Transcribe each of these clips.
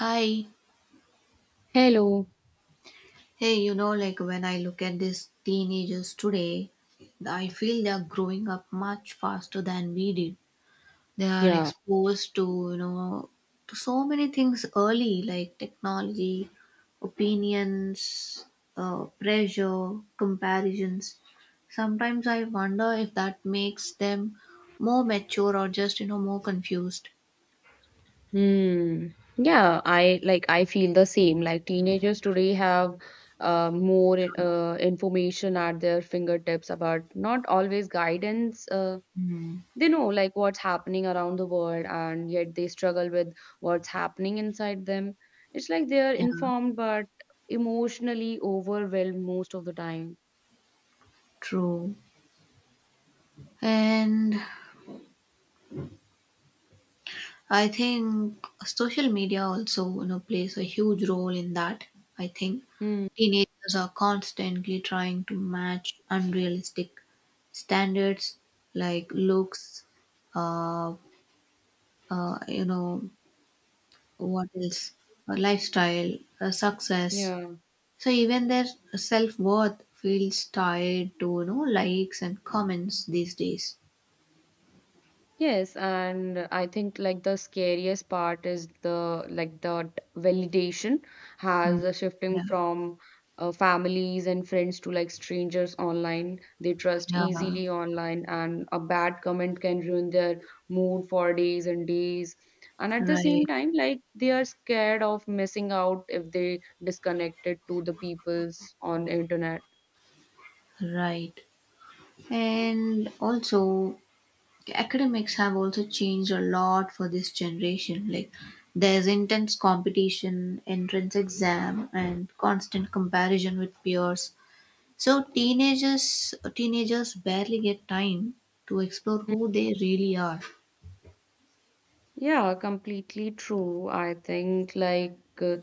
Hi. Hello. Hey, you know, like when I look at these teenagers today, I feel they're growing up much faster than we did. They are Yeah. exposed to, you know, to so many things early, like technology, opinions, pressure, comparisons. Sometimes I wonder if that makes them more mature or just, you know, more confused. Hmm. Yeah, I feel the same. Like teenagers today have more information at their fingertips about not always guidance. Uh, Hmm. they know like what's happening around the world, and yet they struggle with what's happening inside them. It's like they are Yeah, informed but emotionally overwhelmed most of the time. true. And I think social media also, you know, plays a huge role in that. I think Hmm. teenagers are constantly trying to match unrealistic standards like looks, uh, you know, what else, lifestyle, success. Yeah. So even their self worth feels tied to, you know, likes and comments these days. Yes, and I think like the scariest part is the validation Mm. has a shifting Yeah, from families and friends to like strangers online. They trust yeah, easily online, and a bad comment can ruin their mood for days and days. And at the same right, time, like they are scared of missing out if they disconnected to the peoples on internet. right. And also academics have also changed a lot for this generation, like there's intense competition, entrance exam, and constant comparison with peers, so teenagers barely get time to explore who they really are. Yeah, completely true. I think uh,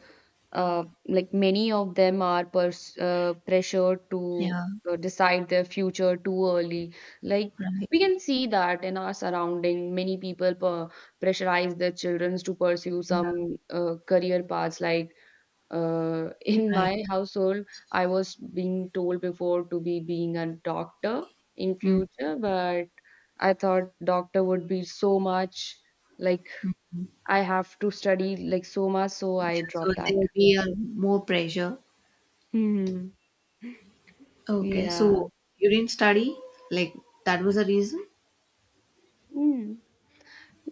uh, like many of them are pers pressured to Yeah, decide their future too early. Like right, we can see that in our surrounding, many people per pressurize their children to pursue yeah, some career paths. Like in right. my household, I was being told before to be being a doctor in Mm. future, but I thought doctor would be so much, like I have to study like so much, so Yeah, I so dropped there that. will be a more pressure. Hmm. Okay, Yeah. so you didn't study, like that was a reason? Mm.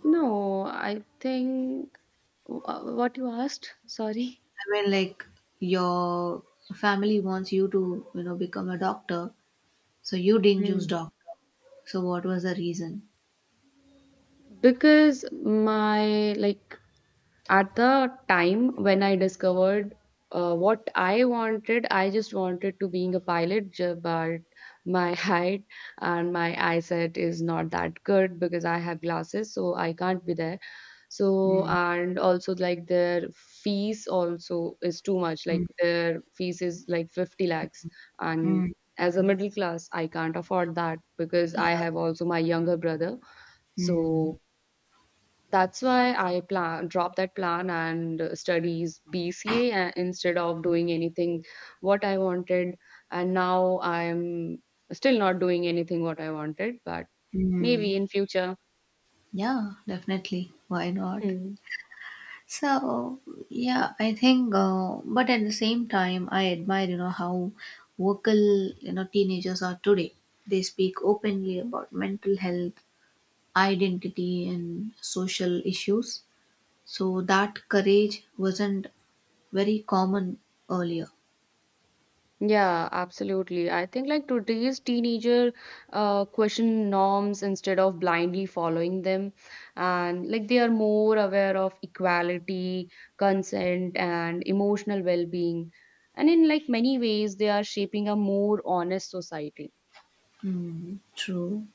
No, I think what you asked, sorry. I mean, like your family wants you to, you know, become a doctor, so you didn't choose Hmm. doctor. So what was the reason? Because my, like, at the time when I discovered what I wanted, I just wanted to being a pilot, but my height and my eyesight is not that good because I have glasses, so I can't be there. So Mm, and also like their fees also is too much. Like mm, their fees is like 50 lakhs, and mm, as a middle class, I can't afford that because yeah, I have also my younger brother, mm, so that's why I plan dropped that plan and studies BCA instead of doing anything what I wanted. And now I'm still not doing anything what I wanted, but mm. maybe in future. Yeah, definitely. Why not? So, yeah, I think, but at the same time, I admire, you know, how vocal, you know, teenagers are today. They speak openly about mental health, identity, and social issues. So that courage wasn't very common earlier. Yeah, absolutely. I think like today's teenager question norms instead of blindly following them. And like they are more aware of equality, consent, and emotional well-being. And in like many ways, they are shaping a more honest society. Mm, true.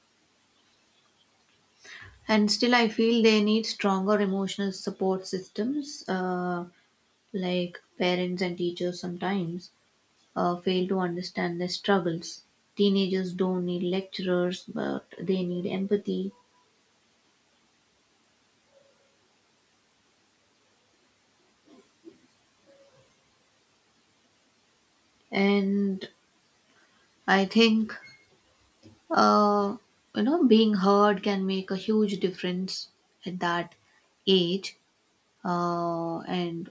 And still, I feel they need stronger emotional support systems, like parents and teachers sometimes fail to understand their struggles. Teenagers don't need lecturers, but they need empathy. And I think, uh, you know, being heard can make a huge difference at that age. And,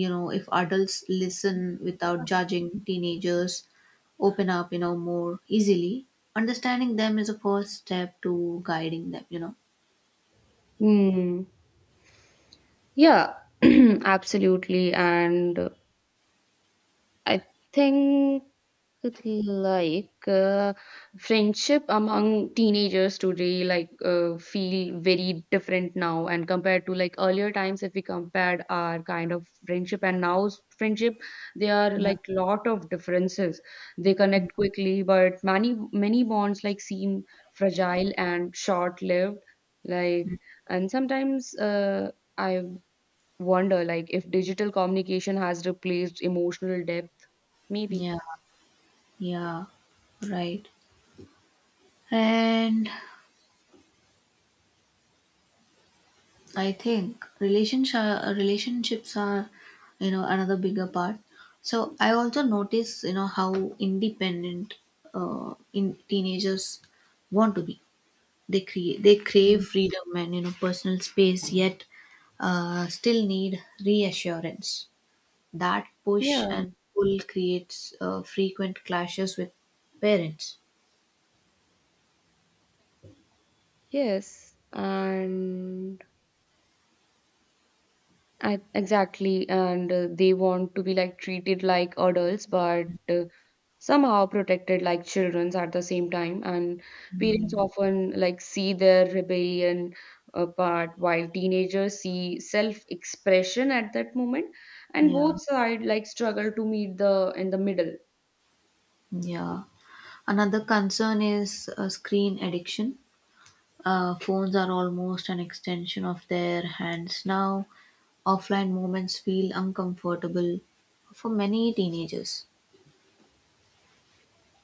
you know, if adults listen without judging, teenagers open up, you know, more easily. Understanding them is a first step to guiding them, you know. Hmm. Yeah, absolutely. And I think. It's like friendship among teenagers today like feel very different now, and compared to like earlier times, if we compared our kind of friendship and now's friendship, there are Yeah, like lot of differences. They connect quickly but many bonds like seem fragile and short lived, like, and sometimes I wonder like if digital communication has replaced emotional depth, maybe. yeah, yeah, right. And I think relationships are, you know, another bigger part. So I also notice, you know, how independent in teenagers want to be. They they crave Mm. freedom and, you know, personal space, yet still need reassurance. That push Yeah. and pull creates frequent clashes with parents. Yes, and I, exactly, and they want to be like treated like adults, but somehow protected like children at the same time. And parents often like see their rebellion part, while teenagers see self-expression at that moment, and Yeah, both side like struggle to meet the in the middle. yeah. Another concern is screen addiction. Phones are almost an extension of their hands now. Offline moments feel uncomfortable for many teenagers.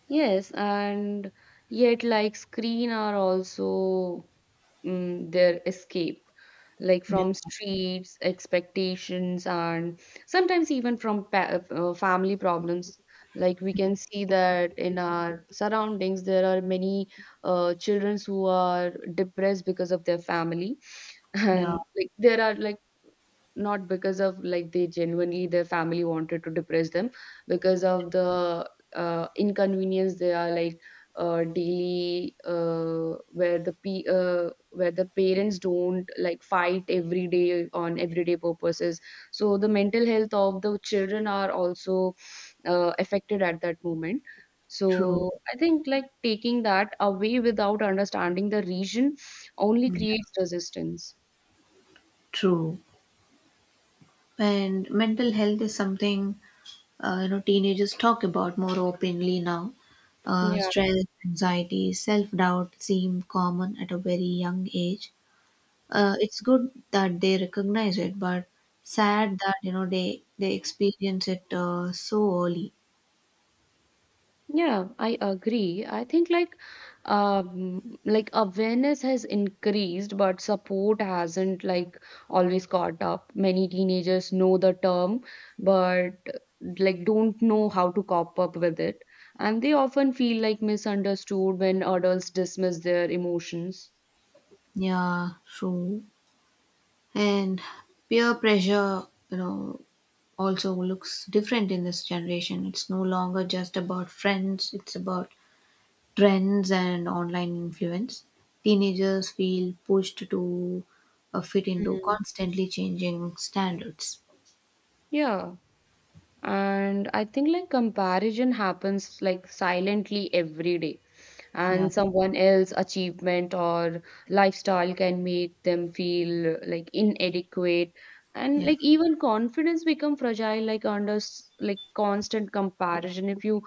Yes, and yet, like, screen are also their escape, like Yeah, from streets, expectations, and sometimes even from pa family problems. Like, we can see that in our surroundings, there are many children who are depressed because of their family, yeah, and like, there are like, not because of like they genuinely their family wanted to depress them, because of the inconvenience they are like daily where the p where the parents don't like fight every day on everyday purposes, so the mental health of the children are also affected at that moment. true. So I think like taking that away without understanding the reason only Yeah, creates resistance. true. And mental health is something you know, teenagers talk about more openly now. Yeah. Stress, anxiety, self-doubt seem common at a very young age. It's good that they recognize it, but sad that, you know, they experience it so early. Yeah, I agree. I think like, like awareness has increased, but support hasn't like always caught up. Many teenagers know the term, but like don't know how to cop up with it. And they often feel like misunderstood when adults dismiss their emotions. Yeah, true. And peer pressure, you know, also looks different in this generation. It's no longer just about friends, it's about trends and online influence. Teenagers feel pushed to fit into Mm. constantly changing standards. Yeah. And I think like comparison happens like silently every day, Yeah, and someone else's achievement or lifestyle can make them feel like inadequate, and yeah, like even confidence become fragile like under like constant comparison. If you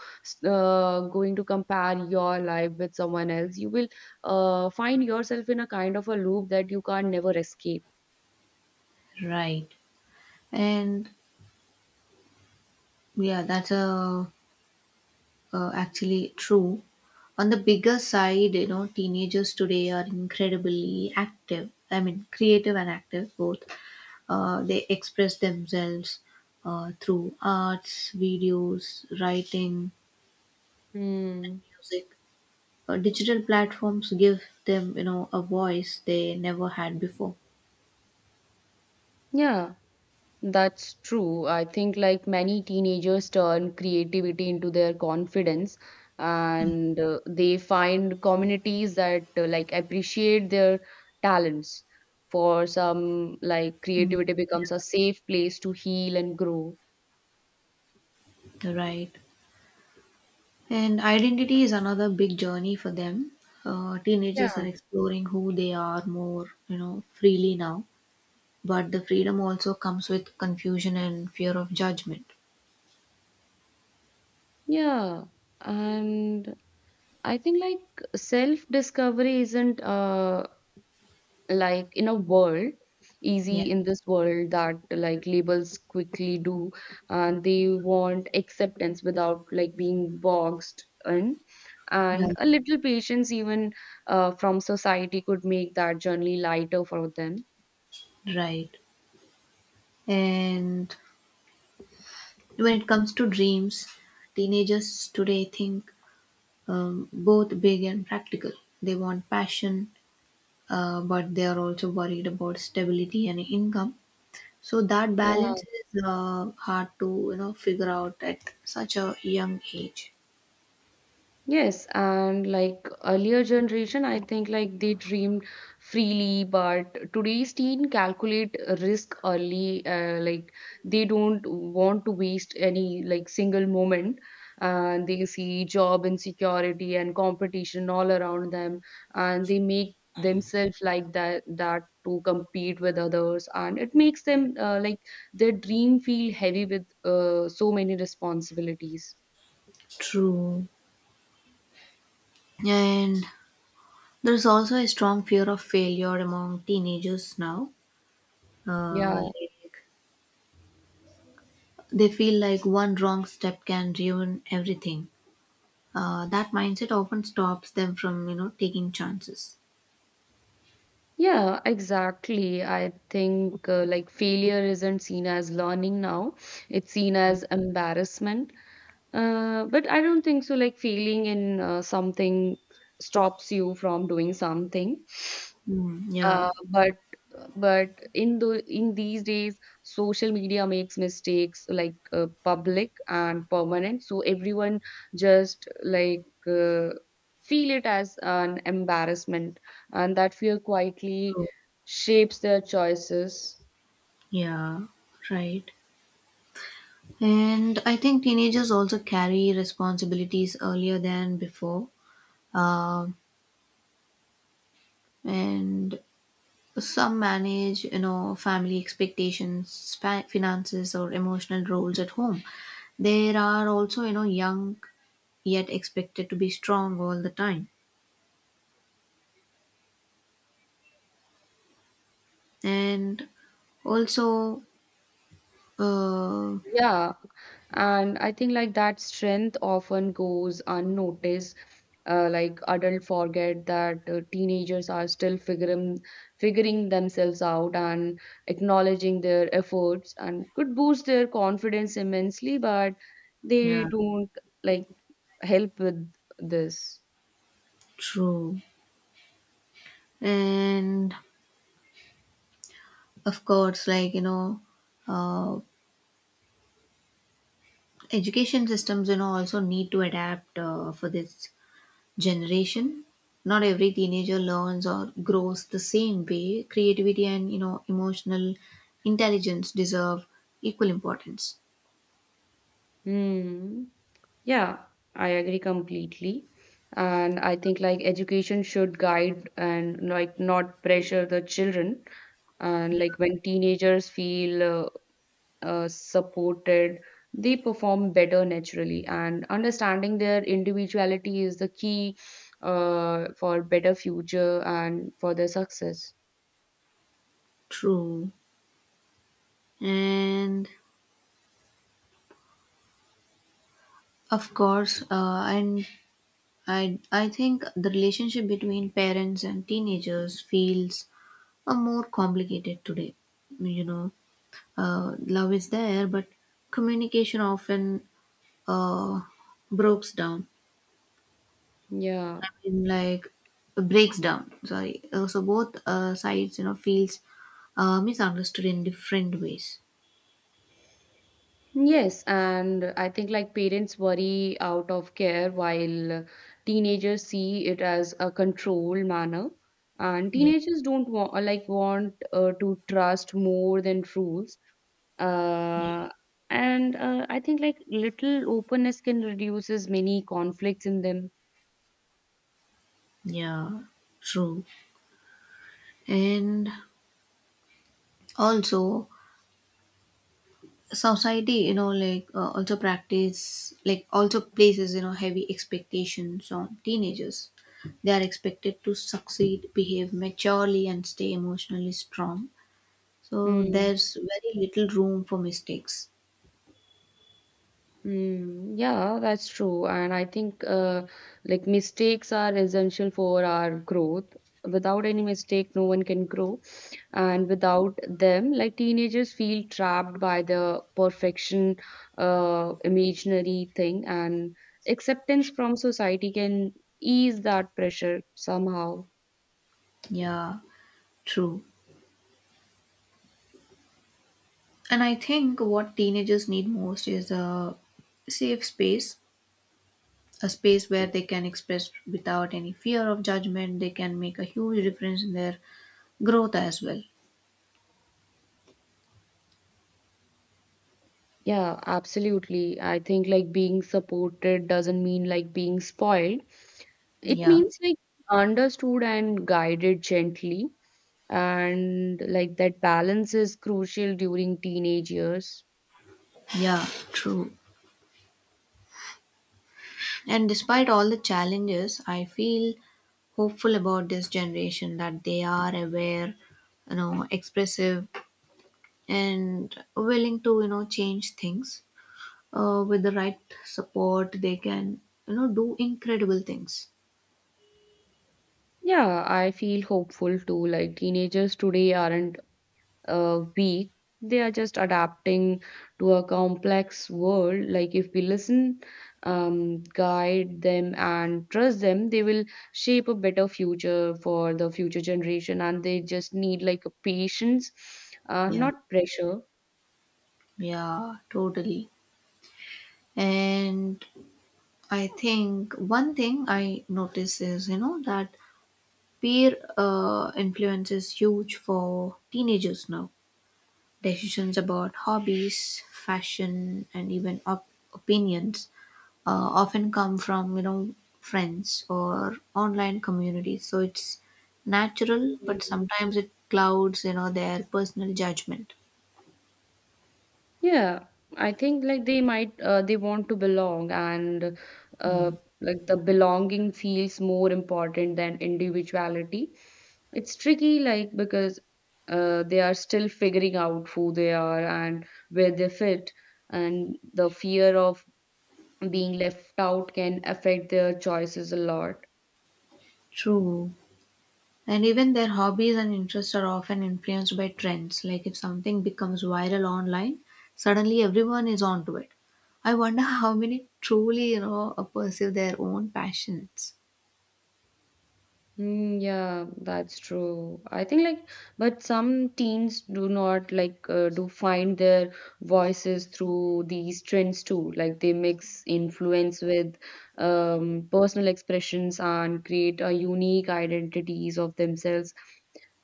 going to compare your life with someone else, you will find yourself in a kind of a loop that you can never escape. right. And yeah, that's actually true. On the bigger side, you know, teenagers today are incredibly active. I mean, creative and active both. They express themselves through arts, videos, writing, Hmm. music. Digital platforms give them, you know, a voice they never had before. Yeah. That's true. I think like many teenagers turn creativity into their confidence, and they find communities that like appreciate their talents. For some, like Mm, creativity becomes a safe place to heal and grow. right. And identity is another big journey for them. Yeah. Teenagers are exploring who they are more, you know, freely now, but the freedom also comes with confusion and fear of judgment. Yeah. And I think like self-discovery isn't like in a world Yeah, easy in this world that like labels quickly do, and they want acceptance without like being boxed in, yeah, and a little patience even from society could make that journey lighter for them. right. And when it comes to dreams, teenagers today think both big and practical. They want passion, but they are also worried about stability and income. So that Yeah. balance is hard to, you know, figure out at such a young age. Yes, and like earlier generation, I think like they dreamed freely, but today's teen calculate risk early. Like they don't want to waste any like single moment. And they see job insecurity and competition all around them, and they make themselves like that to compete with others, and it makes them like their dream feel heavy with so many responsibilities. True. And there's also a strong fear of failure among teenagers now. Yeah. Like they feel like one wrong step can ruin everything. That mindset often stops them from, you know, taking chances. Yeah, exactly. I think like failure isn't seen as learning now, it's seen as embarrassment. But I don't think so. Like failing in something stops you from doing something. Mm, yeah, But but in these days, social media makes mistakes like public and permanent, so everyone just like feel it as an embarrassment, and that fear quietly true. shapes their choices. Yeah, right. And I think teenagers also carry responsibilities earlier than before. Um and some manage, you know, family expectations, finances, or emotional roles at home. There are also, you know, young yet expected to be strong all the time. And also, uh, Yeah. And I think like that strength often goes unnoticed. Like adults forget that teenagers are still figuring themselves out, and acknowledging their efforts and could boost their confidence immensely, but they yeah, don't like help with this. true. And of course, like, you know, uh, education systems, you know, also need to adapt for this generation. Not every teenager learns or grows the same way. Creativity and, you know, emotional intelligence deserve equal importance. Hmm. Yeah, I agree completely. And I think like education should guide and like not pressure the children. And Yeah, like when teenagers feel supported, they perform better naturally. And understanding their individuality is the key for better future and for their success. true. And of course, and I think the relationship between parents and teenagers feels a more complicated today, you know. Love is there, but communication often uh, breaks down. Yeah. I mean, like breaks down. Sorry. So both sides, you know, feels misunderstood in different ways. Yes, and I think like parents worry out of care while teenagers see it as a controlled manner. And Yeah, teenagers don't want like want to trust more than rules. yeah, Uh, and I think like little openness can reduces many conflicts in them. yeah. True. And also, society, you know, like also practice, like also places, you know, heavy expectations on teenagers. They are expected to succeed, behave maturely, and stay emotionally strong. So Mm, there's very little room for mistakes. mm, yeah, that's true. And I think like mistakes are essential for our growth. Without any mistake, no one can grow. And without them, like teenagers feel trapped by the perfection, imaginary thing, and acceptance from society can ease that pressure somehow. Yeah, true. And I think what teenagers need most is a safe space, a space where they can express without any fear of judgment. They can make a huge difference in their growth as well. Yeah, absolutely. I think like being supported doesn't mean like being spoiled. It Yeah, means like understood and guided gently, and like that balance is crucial during teenage years. yeah, true. And despite all the challenges, I feel hopeful about this generation, that they are aware, you know, expressive, and willing to, you know, change things. With the right support, they can, you know, do incredible things. Yeah, I feel hopeful too. Like teenagers today aren't weak, they are just adapting to a complex world. Like if we listen, guide them and trust them, they will shape a better future for the future generation, and they just need like a patience, Yeah, not pressure. yeah, totally. And I think one thing I notice is, you know, that peer influence is huge for teenagers now. Decisions about hobbies, fashion, and even opinions often come from, you know, friends or online communities. So it's natural, but sometimes it clouds, you know, their personal judgment. Yeah, I think like they might they want to belong, and uh, Hmm. like the belonging feels more important than individuality. It's tricky, like because they are still figuring out who they are and where they fit, and the fear of being left out can affect their choices a lot. True. And even their hobbies and interests are often influenced by trends. Like if something becomes viral online, suddenly everyone is onto it. I wonder how many truly, you know, pursue their own passions. Mm, yeah, that's true. I think like, but some teens do not like do find their voices through these trends too. Like they mix influence with personal expressions and create a unique identities of themselves.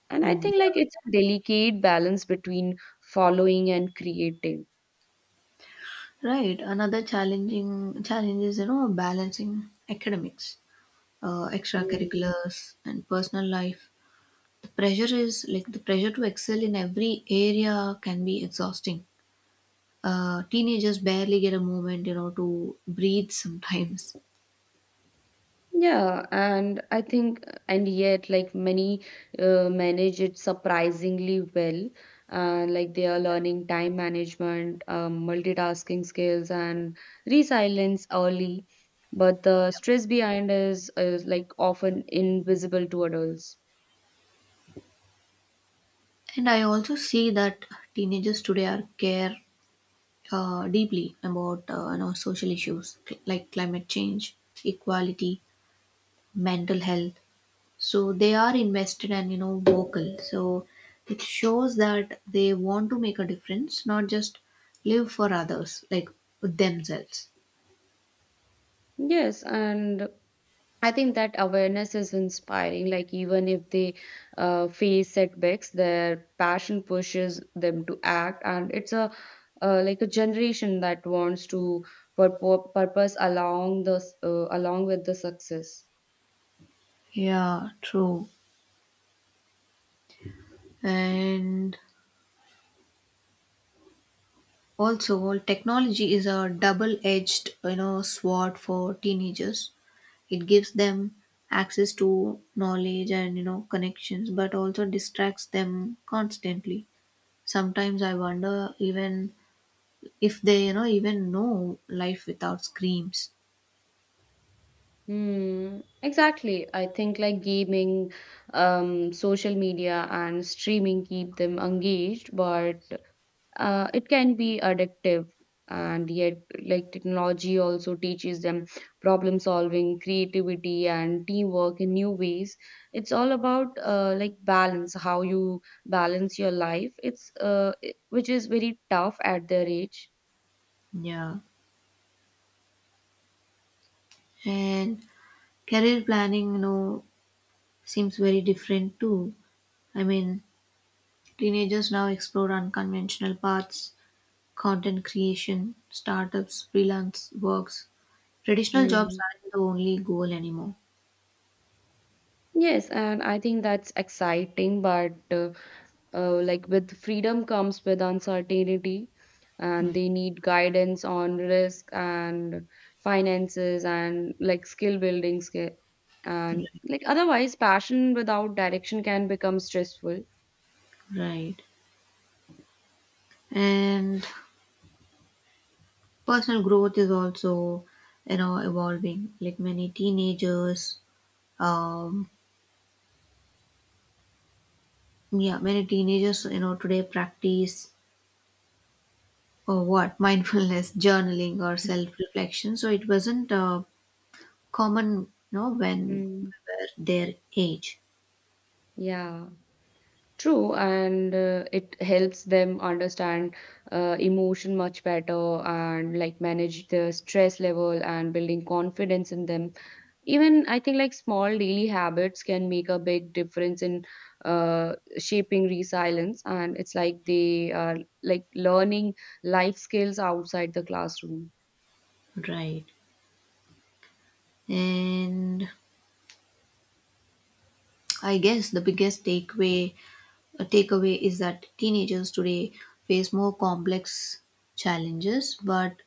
And I Hmm. think like Yeah. it's a delicate balance between following and creating. Right. Another challenging challenge is, you know, balancing academics, Mm. extracurriculars, and personal life. The pressure to excel in every area can be exhausting. Teenagers barely get a moment, you know, to breathe sometimes. Yeah, and I think, and yet, like many manage it surprisingly well. Like they are learning time management, multitasking skills, and resilience early. But the stress behind is like often invisible to adults. And I also see that teenagers today are care deeply about you know, social issues, like climate change, equality, mental health. So they are invested and, you know, vocal. So it shows that they want to make a difference, not just live for others, like themselves. Yes, and I think that awareness is inspiring. Like, even if they face setbacks, their passion pushes them to act, and it's a like a generation that wants to purpose along the along with the success. Yeah, true. And also technology is a double edged, you know, sword for teenagers. It gives them access to knowledge and, you know, connections, but also distracts them constantly. Sometimes I wonder even if they, you know, even know life without screams. Hmm, exactly. I think like gaming, social media, and streaming keep them engaged, but it can be addictive. And yet, like technology also teaches them problem solving, creativity, and teamwork in new ways. It's all about like balance, how you balance your life. It's which is very tough at their age. Yeah. And career planning, you know, seems very different too. I mean, teenagers now explore unconventional paths: content creation, startups, freelance works. Traditional jobs Hmm. aren't the only goal anymore. Yes, and I think that's exciting, but like with freedom comes with uncertainty, and Mm, they need guidance on risk and finances, and like skill building skill, right. and like otherwise passion without direction can become stressful. Right. And personal growth is also, you know, evolving. Like many teenagers, um yeah, many teenagers, you know, today practice or what mindfulness, journaling, or self-reflection. So it wasn't common, you know, when we Mm, were their age, yeah, true. And it helps them understand emotion much better, and like manage the stress level and building confidence in them. Even I think like small daily habits can make a big difference in shaping resilience, and it's like they are like learning life skills outside the classroom. right? And I guess the biggest takeaway is that teenagers today face more complex challenges, but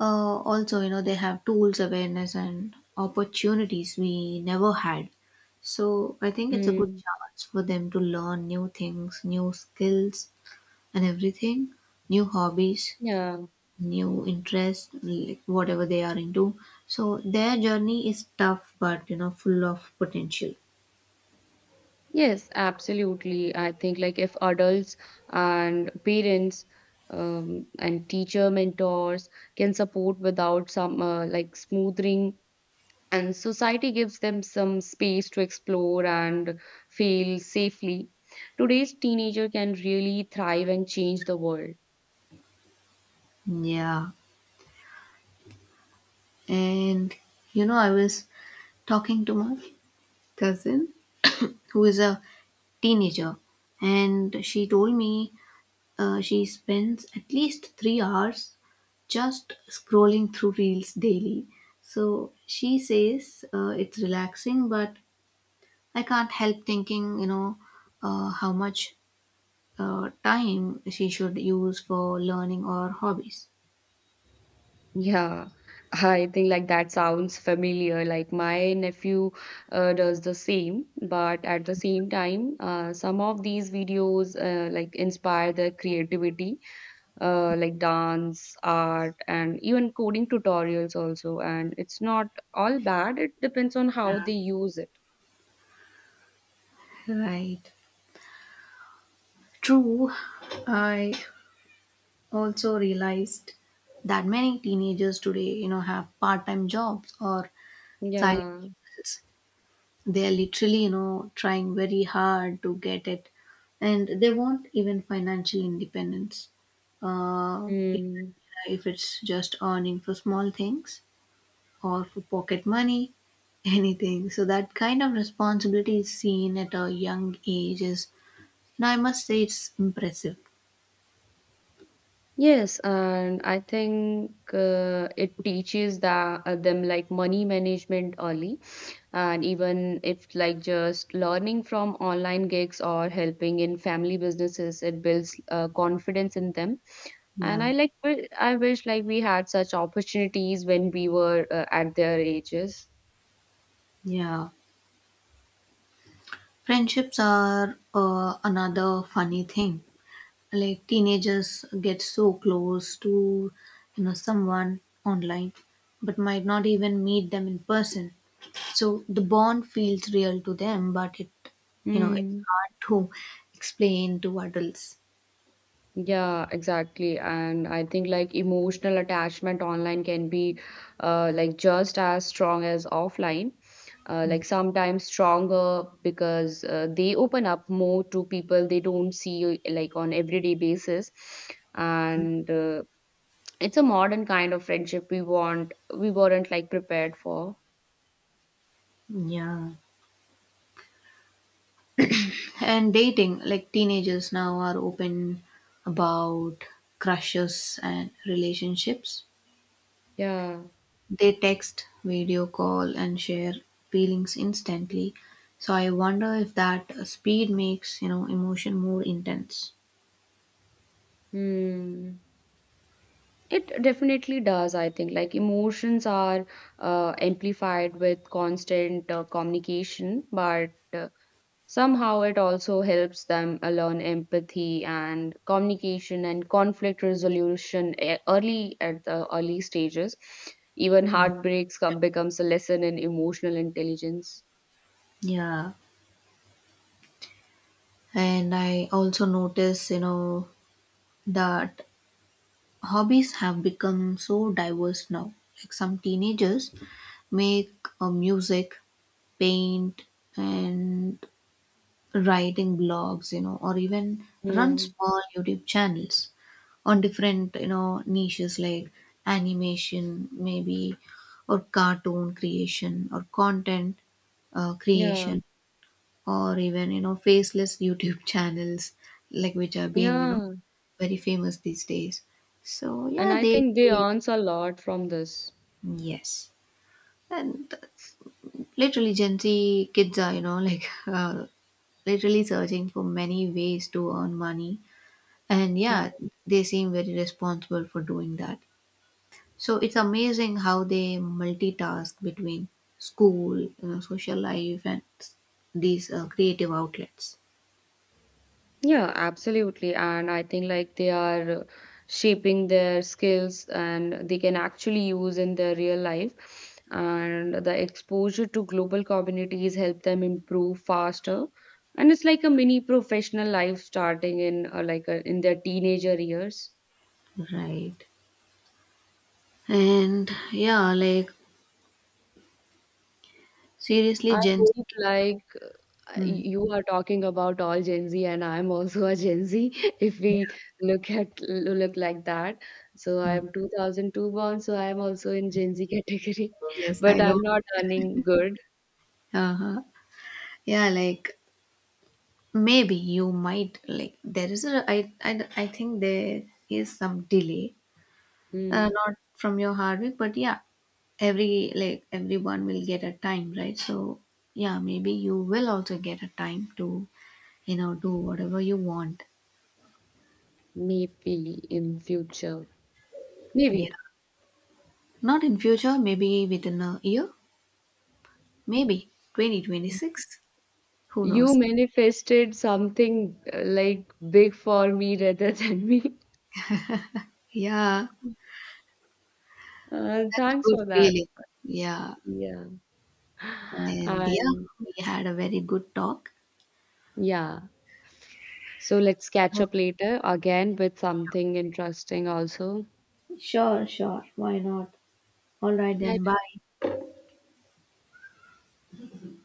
Also, you know, they have tools, awareness, and opportunities we never had. So I think it's a good Hmm. chance for them to learn new things, new skills, and everything, new hobbies, Yeah. new interests, like whatever they are into. So their journey is tough, but, you know, full of potential. Yes, absolutely. I think like if adults and parents, and teacher mentors, can support without some like smoothing, and society gives them some space to explore and fail safely, today's teenager can really thrive and change the world. Yeah. And, you know, I was talking to my cousin, who is a teenager, and she told me she spends at least 3 hours just scrolling through reels daily. So she says it's relaxing, but I can't help thinking, you know, how much time she should use for learning or hobbies. Yeah, I think like that sounds familiar. Like my nephew does the same, but at the same time, some of these videos like inspire their creativity, like dance, art, and even coding tutorials also. And it's not all bad. It depends on how they use it. Right. True. I also realized that many teenagers today, you know, have part time jobs or side Yeah. businesses. They are literally, you know, trying very hard to get it, and they want even financial independence, uh, if, Mm, if it's just earning for small things or for pocket money, anything. So that kind of responsibility is seen at a young age is, now I must say, it's impressive. yes, and I think it teaches them like money management early, and even if like just learning from online gigs or helping in family businesses, it builds confidence in them. And Yeah, I like I wish like we had such opportunities when we were at their ages. yeah. Friendships are another funny thing. Like teenagers get so close to, you know, someone online, but might not even meet them in person. So the bond feels real to them, but it, you know, it's Mm. hard to explain to adults. Yeah, exactly. And I think like emotional attachment online can be like just as strong as offline, Mm, like sometimes stronger because they open up more to people they don't see like on everyday basis. And it's a modern kind of friendship we want, we weren't like prepared for. yeah. And dating, like teenagers now are open about crushes and relationships. Yeah. They text, video call, and share feelings instantly. So I wonder if that speed makes, you know, emotion more intense. Hmm. It definitely does, I think. Like emotions are amplified with constant communication, but somehow it also helps them learn empathy and communication and conflict resolution early at the early stages. Even heartbreaks come, becomes a lesson in emotional intelligence. Yeah, and I also notice, you know, that hobbies have become so diverse now. Like some teenagers make music, paint, and writing blogs, you know, or even run Hmm. small youtube channels on different, you know, niches like animation maybe, or cartoon creation, or content Yeah, creation, or even, you know, faceless youtube channels, like which have been, you know, yeah, very famous these days. So yeah, and I they think they create. earns a lot from this. Yes, and literally gen z kids are, you know, like, literally searching for many ways to earn money. And yeah, they seem very responsible for doing that. So it's amazing how they multitask between school, you know, social life, and these creative outlets. Yeah, absolutely. And I think like they are shaping their skills and they can actually use in their real life. And the exposure to global communities help them improve faster. And it's like a mini professional life starting in like in their teenager years. Right. And yeah, like seriously, I Gen Z. hope like Mm, you are talking about all Gen Z, and I'm also a Gen Z. If yeah. we look like that, so Mm, I'm 2002 born, so I'm also in Gen Z category, yes, I but I'm know. not earning good. Uh-huh. Yeah, like maybe you might like there is a I think there is some delay, Hmm, not from your hard work, but yeah, every like everyone will get a time, right? So yeah, maybe you will also get a time to, you know, do whatever you want. maybe in future, Yeah, maybe not in future, maybe within a year, maybe 2026, who you knows. manifested something like big for me rather than me. Yeah, that's a thanks good for that. feeling. Yeah, Yeah, and yeah, and we had a very good talk. yeah. So let's catch Oh, up later again with something interesting also. sure, sure, why not. All right Bye then, bye. bye.